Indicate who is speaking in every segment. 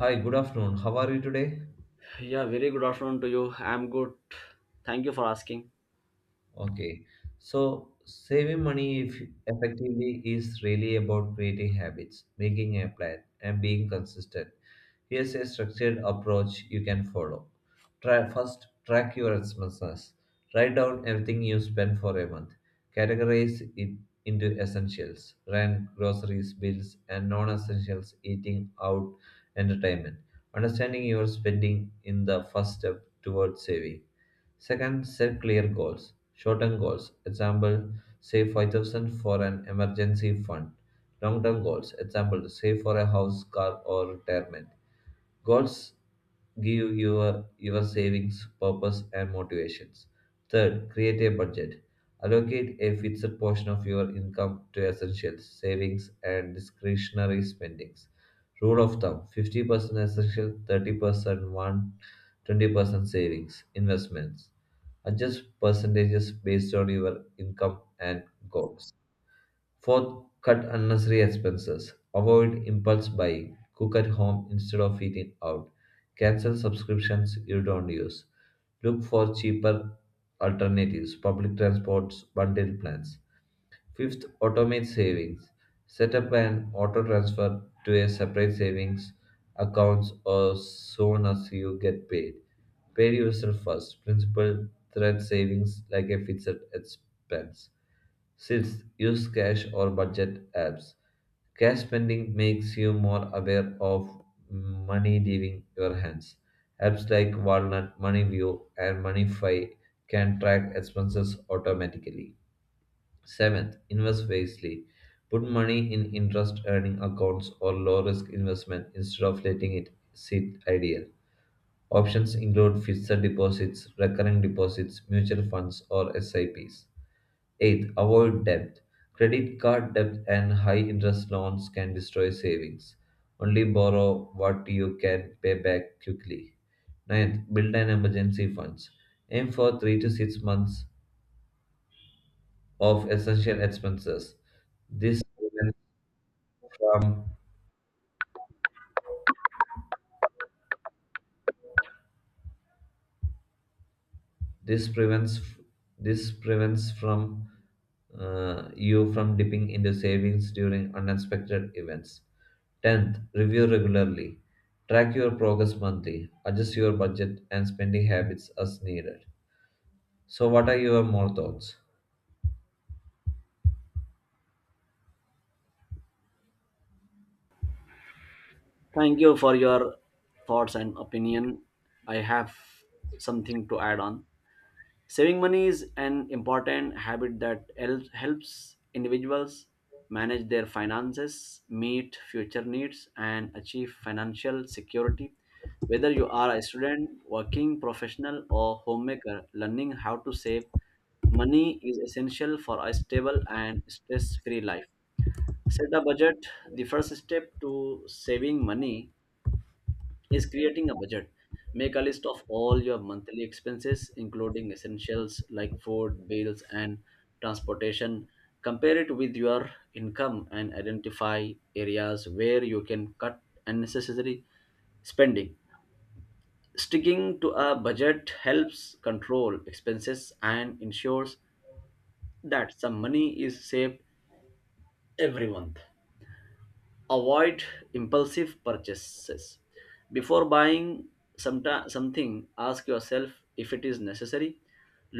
Speaker 1: Hi, good afternoon. How are you today?
Speaker 2: Yeah, very good afternoon to you. I'm good. Thank you for asking.
Speaker 1: Okay. So, saving money effectively is really about creating habits, making a plan, and being consistent. Here's a structured approach you can follow. Try first track your expenses. Write down everything you spend for a month. Categorize it into essentials, rent, groceries, bills, and non-essentials, eating out, entertainment. Understanding your spending in the first step towards saving. Second, set clear goals. Short-term goals, example, save 5000 for an emergency fund. Long-term goals, example, save for a house, car or retirement. Goals give your savings purpose and motivations. Third, create a budget. Allocate a fixed portion of your income to essentials, savings, and discretionary spendings. Rule of thumb 50% essential, 30% want, 20% savings, investments. Adjust percentages based on your income and goals. Fourth, cut unnecessary expenses. Avoid impulse buying. Cook at home instead of eating out. Cancel subscriptions you don't use. Look for cheaper alternatives, public transports, bundle plans. Fifth, automate savings. Set up an auto transfer to a separate savings accounts as soon as you get paid. Pay yourself first. Principal threat savings like a fixed expense. Sixth, use cash or budget apps. Cash spending makes you more aware of money leaving your hands. Apps like Walnut, MoneyView, and MoneyFi can track expenses automatically. Seventh, invest wisely. Put money in interest earning accounts or low risk investment instead of letting it sit idle. Options include fixed deposits, recurring deposits, mutual funds, or SIPs. Eighth, avoid debt. Credit card debt and high interest loans can destroy savings. Only borrow what you can pay back quickly. Ninth, build an emergency funds. Aim for 3 to 6 months of essential expenses. This prevents from this prevents this prevents from You from dipping into savings during unexpected events. Tenth, review regularly. Track your progress monthly. Adjust your budget and spending habits as needed. So, what are your more thoughts?
Speaker 2: Thank you for your thoughts and opinion. I have something to add on. Saving money is an important habit that helps individuals manage their finances, meet future needs, and achieve financial security. Whether you are a student, working professional, or homemaker, learning how to save money is essential for a stable and stress free life. Set a budget. The first step to saving money is creating a budget. Make a list of all your monthly expenses including essentials like food, bills, and transportation. Compare it with your income and identify areas where you can cut unnecessary spending. Sticking to a budget helps control expenses and ensures that some money is saved every month. Avoid impulsive purchases. Before buying something, ask yourself if it is necessary.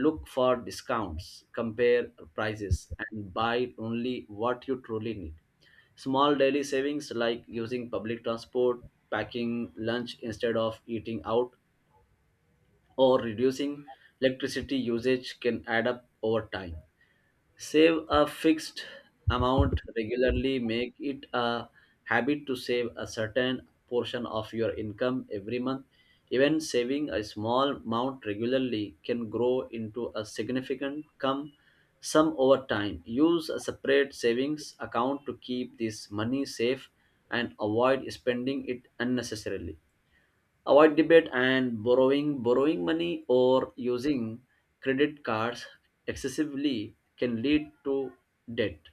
Speaker 2: Look for discounts, compare prices, and buy only what you truly need. Small daily savings like using public transport, packing lunch instead of eating out, or reducing electricity usage can add up over time. Save a fixed amount regularly. Make it a habit to save a certain portion of your income every month. Even saving a small amount regularly can grow into a significant come sum over time. Use a separate savings account to keep this money safe and avoid spending it unnecessarily. Avoid debit and borrowing money or using credit cards excessively can lead to debt,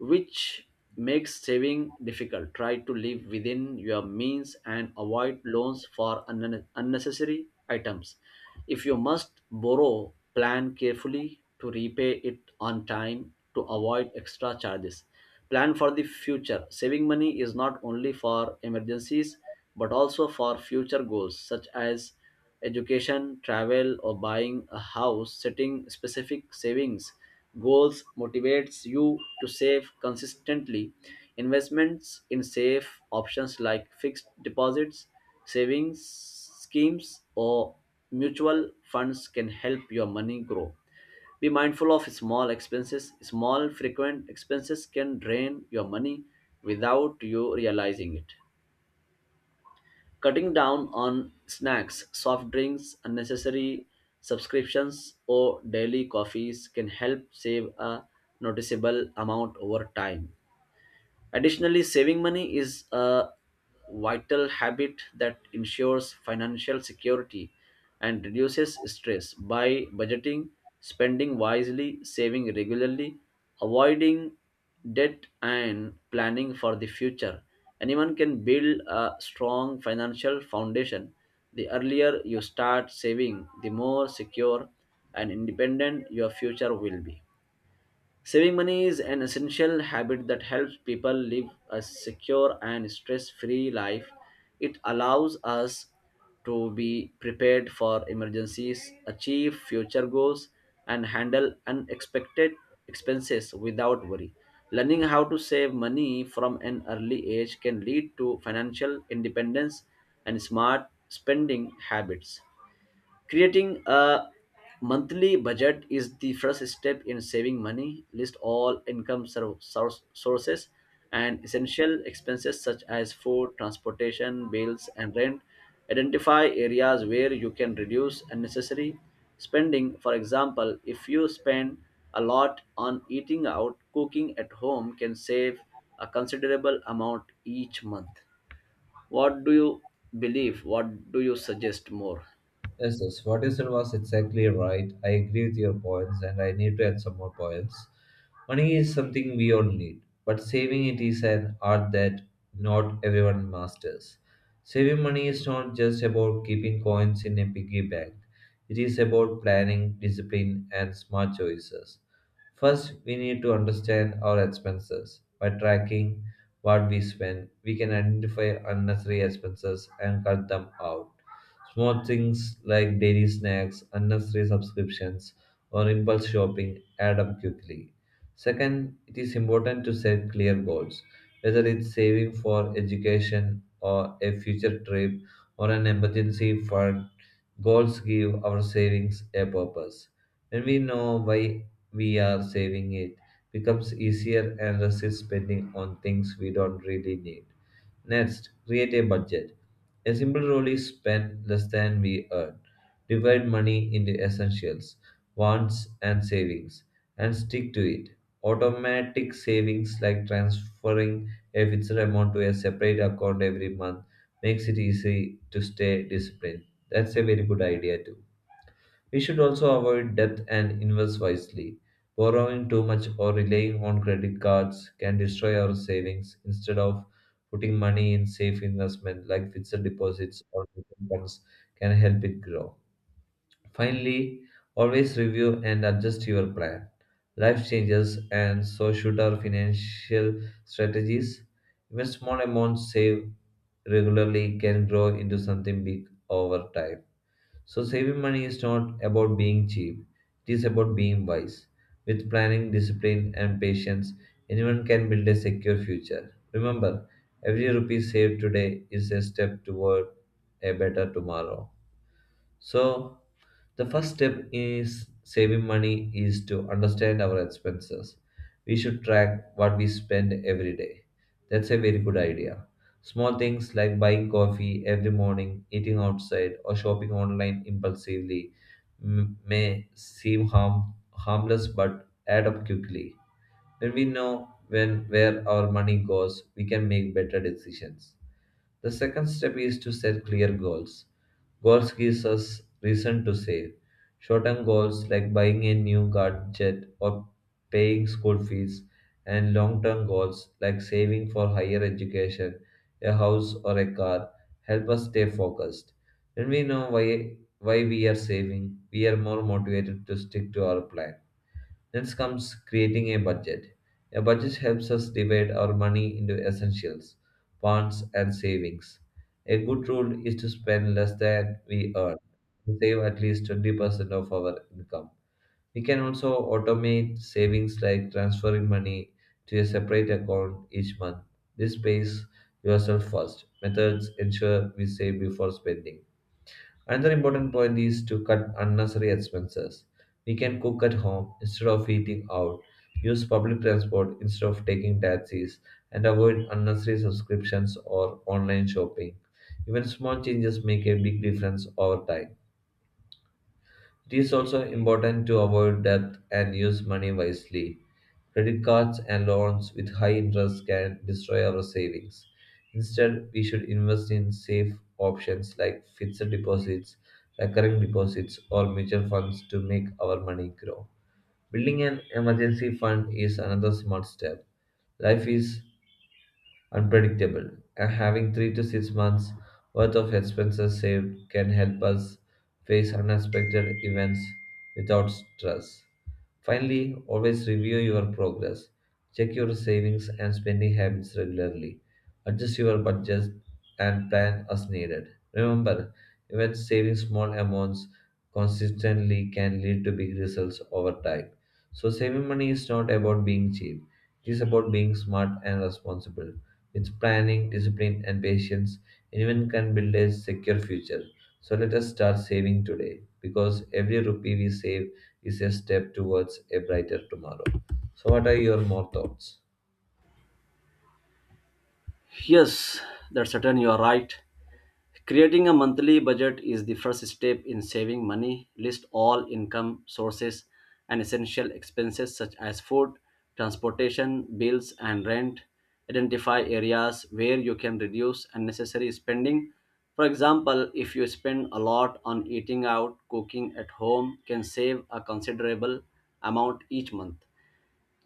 Speaker 2: which makes saving difficult. Try to live within your means and avoid loans for unnecessary items. If you must borrow, plan carefully to repay it on time to avoid extra charges. Plan for the future. Saving money is not only for emergencies but also for future goals such as education, travel, or buying a house. Setting specific savings goals motivates you to save consistently. Investments in safe options like fixed deposits, savings schemes, or mutual funds can help your money grow. Be mindful of small expenses. Small frequent expenses can drain your money without you realizing it. Cutting down on snacks, soft drinks, unnecessary subscriptions, or daily coffees can help save a noticeable amount over time. Additionally, saving money is a vital habit that ensures financial security and reduces stress. By budgeting, spending wisely, saving regularly, avoiding debt, and planning for the future, anyone can build a strong financial foundation. The earlier you start saving, the more secure and independent your future will be. Saving money is an essential habit that helps people live a secure and stress free life. It allows us to be prepared for emergencies, achieve future goals, and handle unexpected expenses without worry. Learning how to save money from an early age can lead to financial independence and smart spending habits. Creating a monthly budget is the first step in saving money. List all income sources and essential expenses such as food, transportation, bills, and rent. Identify areas where you can reduce unnecessary spending. For example, if you spend a lot on eating out, cooking at home can save a considerable amount each month. What do you believe? What do you suggest more?
Speaker 1: Yes. What you said was exactly right. I agree with your points, and I need to add some more points. Money is something we all need, but saving it is an art that not everyone masters. Saving money is not just about keeping coins in a piggy bank, it is about planning, discipline, and smart choices. First, we need to understand our expenses. By tracking what we spend, we can identify unnecessary expenses and cut them out. Small things like daily snacks, unnecessary subscriptions, or impulse shopping add up quickly. Second, it is important to set clear goals, whether it's saving for education or a future trip or an emergency fund. Goals give our savings a purpose. When we know why we are saving it, becomes easier and resist spending on things we don't really need. Next, create a budget. A simple rule is spend less than we earn. Divide money into essentials, wants, and savings, and stick to it. Automatic savings like transferring a fixed amount to a separate account every month makes it easy to stay disciplined. That's a very good idea too. We should also avoid debt and invest wisely. Borrowing too much or relying on credit cards can destroy our savings instead of putting money in safe investment like fixed deposits or mutual funds can help it grow. Finally, always review and adjust your plan. Life changes and so should our financial strategies. Even small amounts saved regularly can grow into something big over time. So, saving money is not about being cheap, it is about being wise. With planning, discipline, and patience, anyone can build a secure future. Remember, every rupee saved today is a step toward a better tomorrow. So, the first step is saving money is to understand our expenses. We should track what we spend every day. That's a very good idea. Small things like buying coffee every morning, eating outside, or shopping online impulsively may seem harmless but add up quickly. When we know when where our money goes, we can make better decisions. The second step is to set clear goals. Goals gives us reason to save. Short-term goals like buying a new gadget or paying school fees, and long-term goals like saving for higher education, a house or a car help us stay focused. When we know why we are saving, we are more motivated to stick to our plan. Next comes creating a budget. A budget helps us divide our money into essentials, wants, and savings. A good rule is to spend less than we earn and save at least 20% of our income. We can also automate savings like transferring money to a separate account each month. This pays yourself first. Methods ensure we save before spending. Another important point is to cut unnecessary expenses. We can cook at home instead of eating out, use public transport instead of taking taxis, and avoid unnecessary subscriptions or online shopping. Even small changes make a big difference over time. It is also important to avoid debt and use money wisely. Credit cards and loans with high interest can destroy our savings. Instead, we should invest in safe options like fixed deposits, recurring deposits, or mutual funds to make our money grow. Building an emergency fund is another smart step. Life is unpredictable. And having 3 to 6 months worth of expenses saved can help us face unexpected events without stress. Finally, always review your progress. Check your savings and spending habits regularly. Adjust your budget and plan as needed. Remember, even saving small amounts consistently can lead to big results over time. So, saving money is not about being cheap, it is about being smart and responsible. With planning, discipline, and patience, anyone can build a secure future. So let us start saving today because every rupee we save is a step towards a brighter tomorrow. So, what are your more thoughts?
Speaker 2: Yes, that's certain you are right. Creating a monthly budget is the first step in saving money. List all income sources and essential expenses such as food, transportation, bills, and rent. Identify areas where you can reduce unnecessary spending. For example, if you spend a lot on eating out, cooking at home can save a considerable amount each month.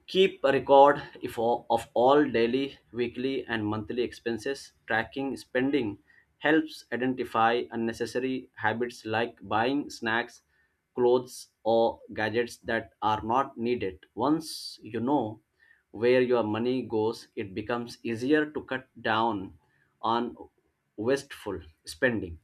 Speaker 2: Keep a record if all, of all daily, weekly, and monthly expenses. Tracking spending helps identify unnecessary habits like buying snacks, clothes, or gadgets that are not needed. Once you know where your money goes, it becomes easier to cut down on wasteful spending.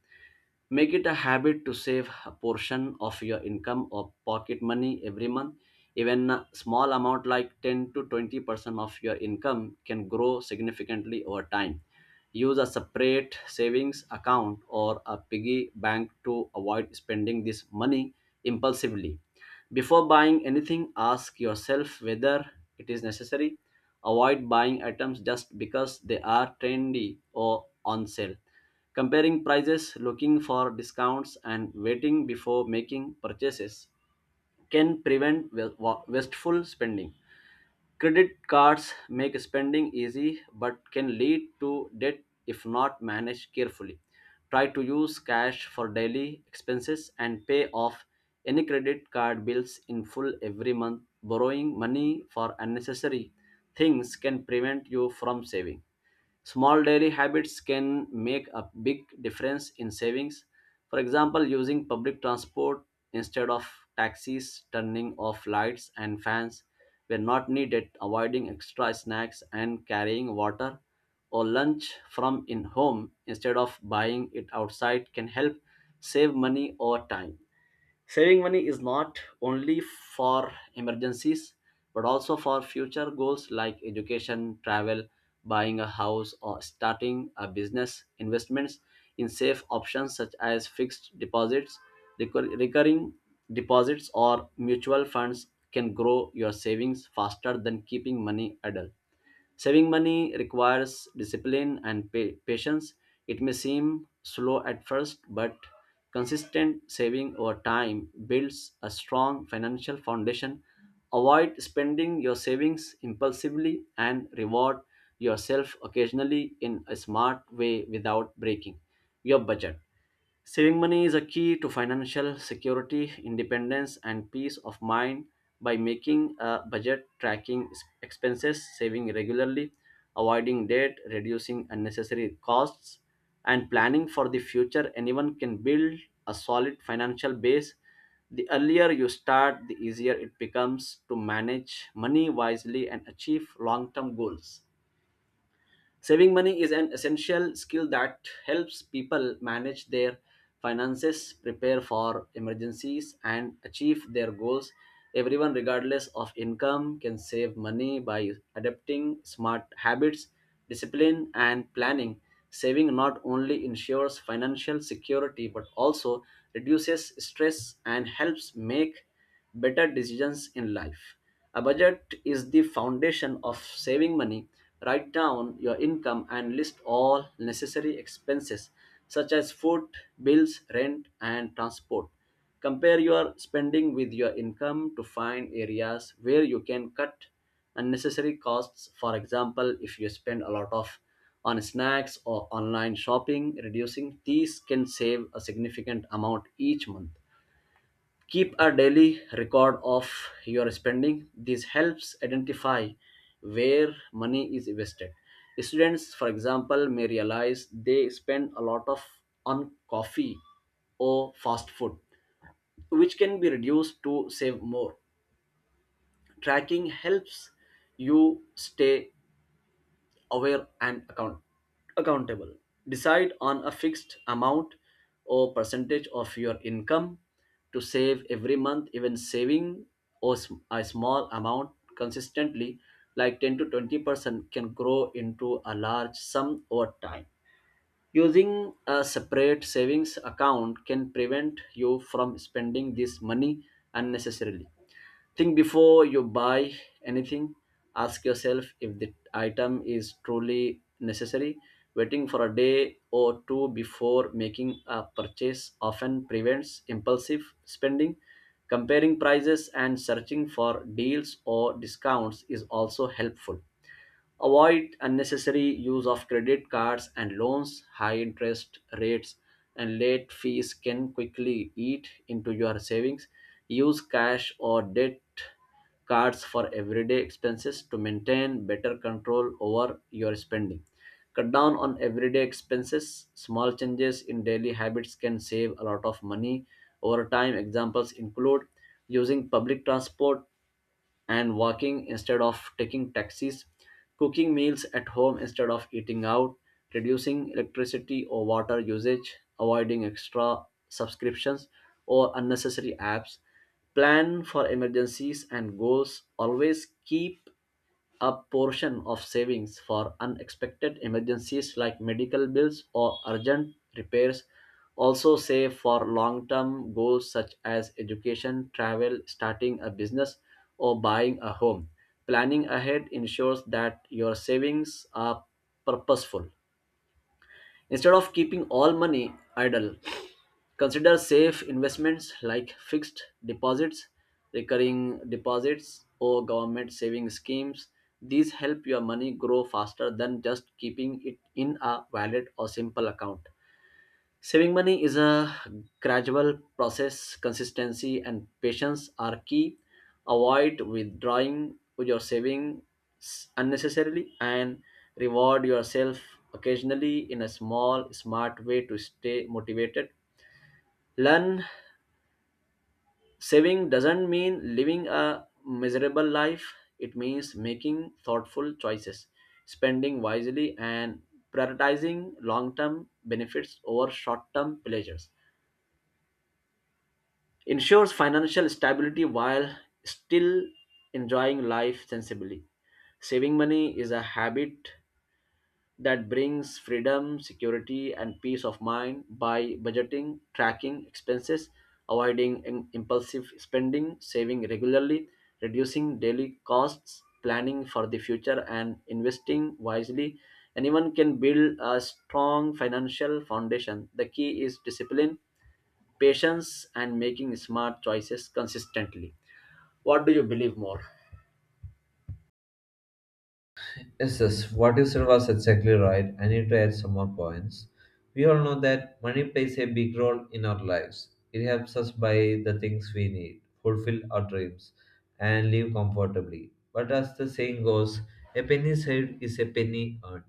Speaker 2: Make it a habit to save a portion of your income or pocket money every month. Even a small amount like 10 to 20% of your income can grow significantly over time. Use a separate savings account or a piggy bank to avoid spending this money impulsively. Before buying anything, ask yourself whether it is necessary. Avoid buying items just because they are trendy or on sale. Comparing prices, looking for discounts, and waiting before making purchases can prevent wasteful spending. Credit cards make spending easy but can lead to debt if not managed carefully. Try to use cash for daily expenses and pay off any credit card bills in full every month. Borrowing money for unnecessary things can prevent you from saving. Small daily habits can make a big difference in savings. For example, using public transport instead of taxis, turning off lights and fans were not needed, avoiding extra snacks, and carrying water or lunch from in home instead of buying it outside can help save money over time. Saving money is not only for emergencies but also for future goals like education, travel, buying a house, or starting a business. Investments in safe options such as fixed deposits, recurring deposits, or mutual funds can grow your savings faster than keeping money idle. Saving money requires discipline and patience. It may seem slow at first, but consistent saving over time builds a strong financial foundation. Avoid spending your savings impulsively and reward yourself occasionally in a smart way without breaking your budget. Saving money is a key to financial security, independence, and peace of mind. By making a budget, tracking expenses, saving regularly, avoiding debt, reducing unnecessary costs, and planning for the future, anyone can build a solid financial base. The earlier you start, the easier it becomes to manage money wisely and achieve long term goals. Saving money is an essential skill that helps people manage their finances, prepare for emergencies, and achieve their goals. Everyone, regardless of income, can save money by adopting smart habits, discipline, and planning. Saving not only ensures financial security but also reduces stress and helps make better decisions in life. A budget is the foundation of saving money. Write down your income and list all necessary expenses such as food, bills, rent, and transport. Compare your spending with your income to find areas where you can cut unnecessary costs. For example, if you spend a lot of on snacks or online shopping, reducing these can save a significant amount each month. Keep a daily record of your spending. This helps identify where money is wasted. Students, for example, may realize they spend a lot of on coffee or fast food, which can be reduced to save more. Tracking helps you stay aware and accountable. Decide on a fixed amount or percentage of your income to save every month. Even saving or a small amount consistently, like 10 to 20%, can grow into a large sum over time. Using a separate savings account can prevent you from spending this money unnecessarily. Think before you buy anything. Ask yourself if the item is truly necessary. Waiting for a day or two before making a purchase often prevents impulsive spending. Comparing prices and searching for deals or discounts is also helpful. Avoid unnecessary use of credit cards and loans. High interest rates and late fees can quickly eat into your savings. Use cash or debt cards for everyday expenses to maintain better control over your spending. Cut down on everyday expenses. Small changes in daily habits can save a lot of money over time. Examples include using public transport and walking instead of taking taxis, cooking meals at home instead of eating out, reducing electricity or water usage, avoiding extra subscriptions or unnecessary apps. Plan for emergencies and goals. Always keep a portion of savings for unexpected emergencies like medical bills or urgent repairs. Also save for long-term goals such as education, travel, starting a business, or buying a home. Planning ahead ensures that your savings are purposeful. Instead of keeping all money idle, consider safe investments like fixed deposits, recurring deposits, or government saving schemes. These help your money grow faster than just keeping it in a wallet or simple account. Saving money is a gradual process. Consistency and patience are key. Avoid withdrawing your savings unnecessarily and reward yourself occasionally in a small, smart way to stay motivated. Learn, saving doesn't mean living a miserable life, it means making thoughtful choices, spending wisely, and prioritizing long term benefits over short term pleasures. Ensures financial stability while still enjoying life sensibly. Saving money is a habit that brings freedom, security, and peace of mind. By budgeting, tracking expenses, avoiding impulsive spending, saving regularly, reducing daily costs, planning for the future, and investing wisely, anyone can build a strong financial foundation. The key is discipline, patience, and making smart choices consistently. What do you believe more?
Speaker 1: Yes, what you said was exactly right. I need to add some more points. We all know that money plays a big role in our lives. It helps us buy the things we need, fulfill our dreams, and live comfortably. But as the saying goes, a penny saved is a penny earned.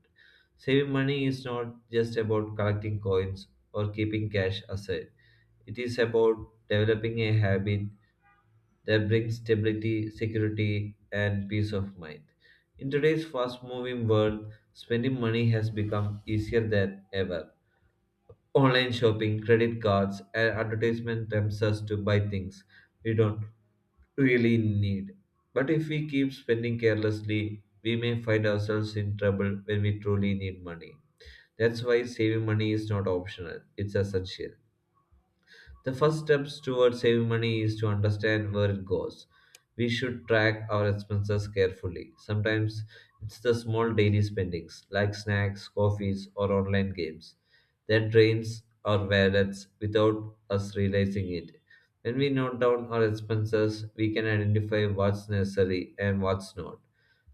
Speaker 1: Saving money is not just about collecting coins or keeping cash aside, it is about developing a habit that brings stability, security, and peace of mind. In today's fast moving world, spending money has become easier than ever. Online shopping, credit cards, and advertisement tempts us to buy things we don't really need. But if we keep spending carelessly, we may find ourselves in trouble when we truly need money. That's why saving money is not optional, it's essential. The first steps towards saving money is to understand where it goes. We should track our expenses carefully. Sometimes it's the small daily spendings, like snacks, coffees, or online games, that drains our wallets without us realizing it. When we note down our expenses, we can identify what's necessary and what's not.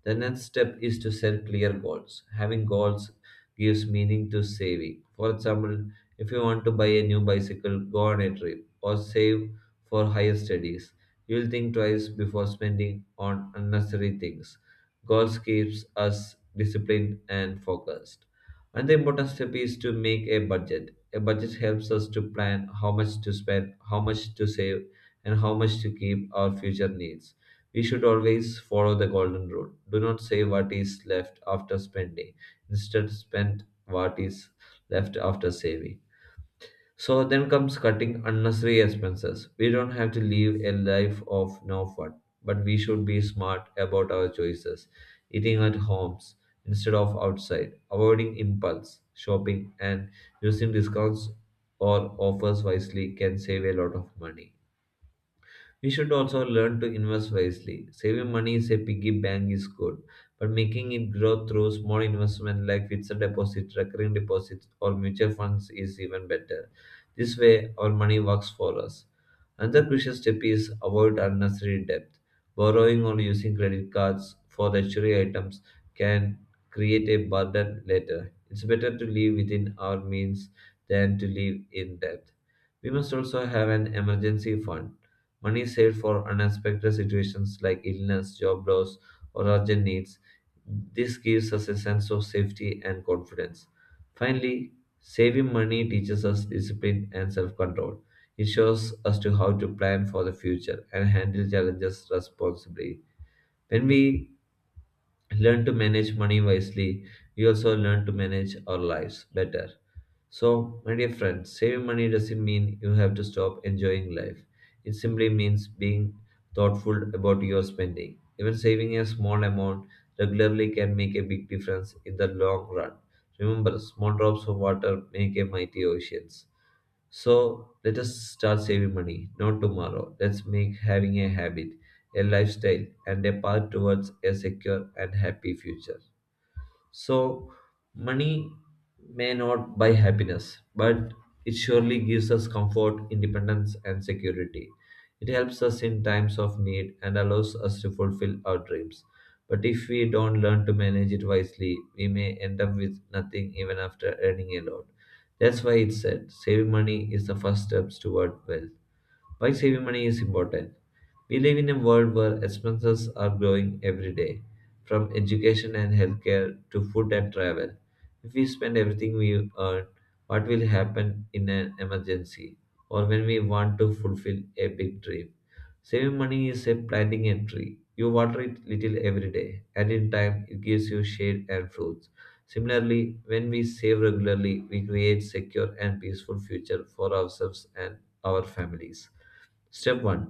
Speaker 1: The next step is to set clear goals. Having goals gives meaning to saving. For example, if you want to buy a new bicycle, go on a trip, or save for higher studies, you'll think twice before spending on unnecessary things. Goals keeps us disciplined and focused. Another important step is to make a budget. A budget helps us to plan how much to spend, how much to save, and how much to keep our future needs. We should always follow the golden rule. Do not save what is left after spending. Instead, spend what is left after saving. So then comes cutting unnecessary expenses. We don't have to live a life of no fun, but we should be smart about our choices. Eating at homes instead of outside, avoiding impulse shopping, and using discounts or offers wisely can save a lot of money. We should also learn to invest wisely. Saving money is a piggy bank is good, but making it grow through small investment like fixed deposits, recurring deposits, or mutual funds is even better. This way, our money works for us. Another crucial step is avoid unnecessary debt. Borrowing or using credit cards for luxury items can create a burden later. It's better to live within our means than to live in debt. We must also have an emergency fund. Money saved for unexpected situations like illness, job loss, or urgent needs. This gives us a sense of safety and confidence. Finally, saving money teaches us discipline and self control. It shows us to how to plan for the future and handle challenges responsibly. When we learn to manage money wisely, we also learn to manage our lives better. So, my dear friends, saving money doesn't mean you have to stop enjoying life. It simply means being thoughtful about your spending. Even saving a small amount regularly can make a big difference in the long run. Remember, small drops of water make a mighty oceans. So let us start saving money, not tomorrow. Let's make having a habit, a lifestyle, and a path towards a secure and happy future. So, money may not buy happiness, but it surely gives us comfort, independence, and security. It helps us in times of need and allows us to fulfill our dreams. But if we don't learn to manage it wisely, we may end up with nothing even after earning a lot. That's why it's said saving money is the first steps toward wealth. Why saving money is important? We live in a world where expenses are growing every day, from education and healthcare to food and travel. If we spend everything we earn, what will happen in an emergency or when we want to fulfill a big dream? Saving money is a planting a tree. You water it little every day, and in time it gives you shade and fruits. Similarly, when we save regularly, we create secure and peaceful future for ourselves and our families. Step 1: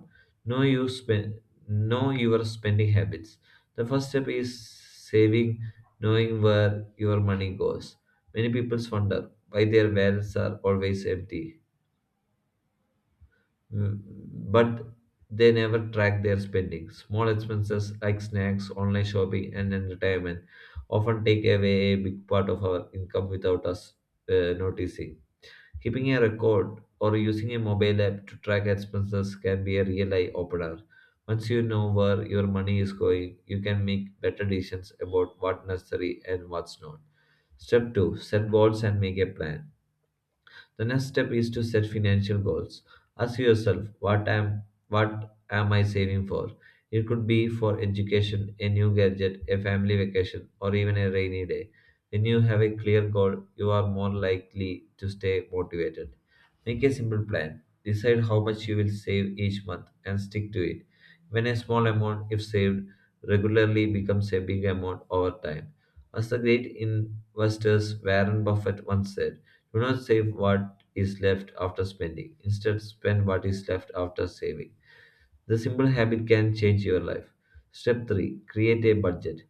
Speaker 1: Know, you spend, know your spending habits. The first step is saving, knowing where your money goes. Many people wonder why their wallets are always empty, Mm, but they never track their spending. Small expenses like snacks, online shopping, and entertainment often take away a big part of our income without us noticing. Keeping a record or using a mobile app to track expenses can be a real eye opener. Once you know where your money is going, you can make better decisions about what's necessary and what's not. Step 2: Set goals and make a plan. The next step is to set financial goals. Ask yourself, what am I saving for? It could be for education, a new gadget, a family vacation, or even a rainy day. When you have a clear goal, you are more likely to stay motivated. Make a simple plan. Decide how much you will save each month and stick to it. When a small amount, if saved, regularly becomes a big amount over time. As the great investors Warren Buffett once said, do not save what is left after spending. Instead, spend what is left after saving. The simple habit can change your life. Step 3: Create a budget.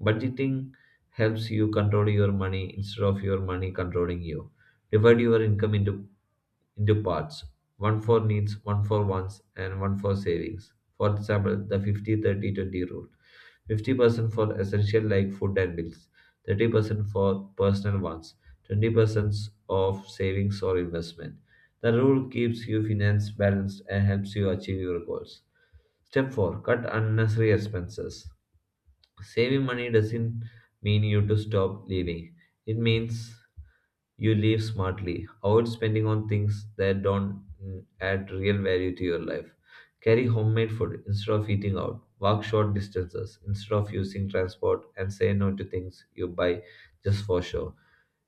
Speaker 1: Budgeting helps you control your money instead of your money controlling you. Divide your income into parts: one for needs, one for wants, and one for savings. For example, the 50 30 20 rule: 50% for essential like food and bills, 30% for personal wants, 20% of savings or investment. The rule keeps your finance balanced and helps you achieve your goals. Step 4: Cut unnecessary expenses. Saving money doesn't mean you to stop living. It means you live smartly. Avoid spending on things that don't add real value to your life. Carry homemade food instead of eating out. Walk short distances instead of using transport and say no to things you buy just for show.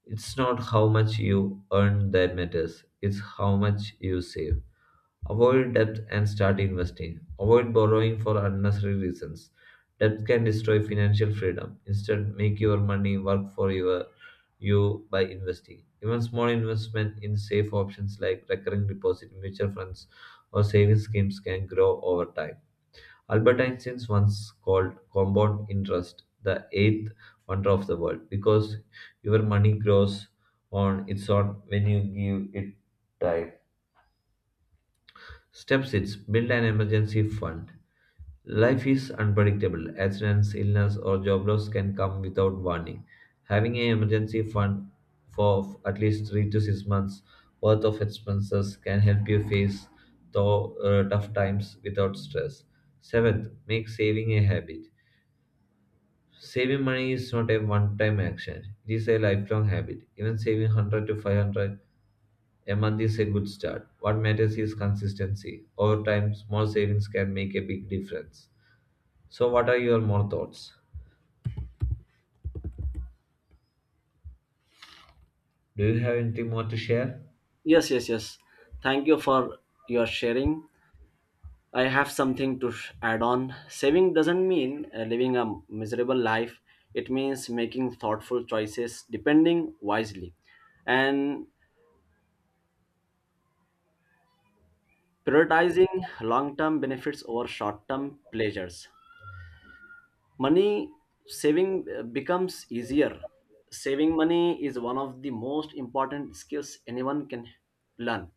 Speaker 1: It's not how much you earn that matters, it's how much you save. Avoid debt and start investing. Avoid borrowing for unnecessary reasons. Debt can destroy financial freedom. Instead, make your money work for you by investing. Even small investment in safe options like recurring deposit, mutual funds, or savings schemes can grow over time. Albert Einstein once called compound interest the eighth wonder of the world because your money grows on its own when you give it time. Step 6: Build an emergency fund. Life is unpredictable. Accidents, illness, or job loss can come without warning. Having an emergency fund for at least 3 to 6 months worth of expenses can help you face tough times without stress. Seventh, make saving a habit. Saving money is not a one time action, it is a lifelong habit. Even saving 100 to 500 a month is a good start. What matters is consistency. Over time, small savings can make a big difference. So, what are your more thoughts? Do you have anything more to share?
Speaker 2: Yes, yes, yes. Thank you for your sharing. I have something to add on. Saving doesn't mean living a miserable life, it means making thoughtful choices, depending wisely, and prioritizing long term benefits over short term pleasures. Money saving becomes easier. Saving money is one of the most important skills anyone can learn.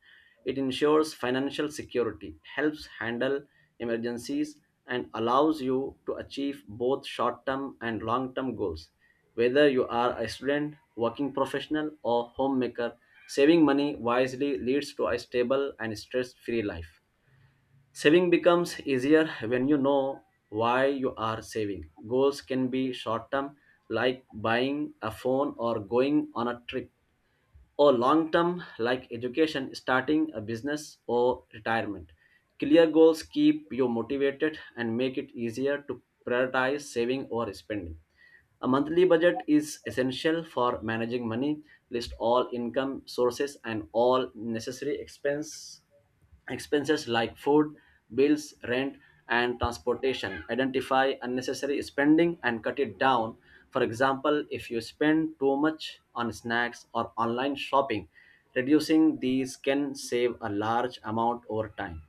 Speaker 2: It ensures financial security, helps handle emergencies, and allows you to achieve both short-term and long-term goals. Whether you are a student, working professional, or homemaker, saving money wisely leads to a stable and stress-free life. Saving becomes easier when you know why you are saving. Goals can be short term, like buying a phone or going on a trip, or long term, like education, starting a business, or retirement. Clear goals keep you motivated and make it easier to prioritize saving or spending. A monthly budget is essential for managing money. List all income sources and all necessary expense, expenses like food, bills, rent, and transportation. Identify unnecessary spending and cut it down. For example, if you spend too much on snacks or online shopping, reducing these can save a large amount over time.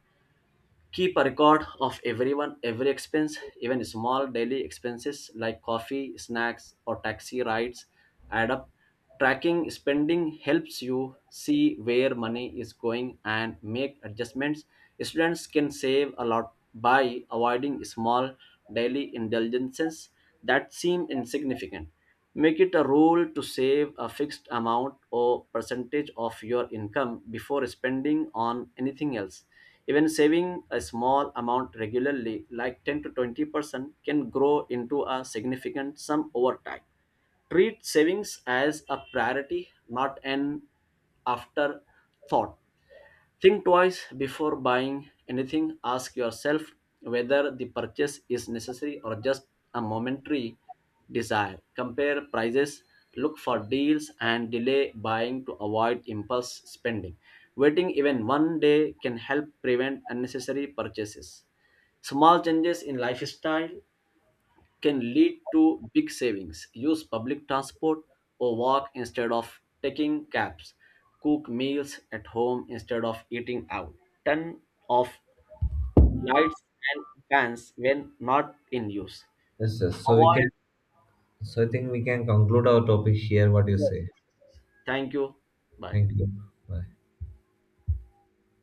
Speaker 2: Keep a record of every expense. Even small daily expenses like coffee, snacks, or taxi rides add up. Tracking spending helps you see where money is going and make adjustments. Students can save a lot by avoiding small daily indulgences that seem insignificant. Make it a rule to save a fixed amount or percentage of your income before spending on anything else. Even saving a small amount regularly, like 10 to 20%, can grow into a significant sum over time. Treat savings as a priority, not an afterthought. Think twice before buying anything. Ask yourself whether the purchase is necessary or just a momentary desire. Compare prices, look for deals, and delay buying to avoid impulse spending. Waiting even one day can help prevent unnecessary purchases. Small changes in lifestyle can lead to big savings. Use public transport or walk instead of taking cabs. Cook meals at home instead of eating out. Turn off lights and fans when not in use.
Speaker 1: Yes, sir. So we can.
Speaker 2: Avoid.
Speaker 1: So I think we can conclude our topic here. What do you
Speaker 2: Yes,
Speaker 1: say?
Speaker 2: yes, yes. Thank you. Bye.
Speaker 1: Thank you. Bye.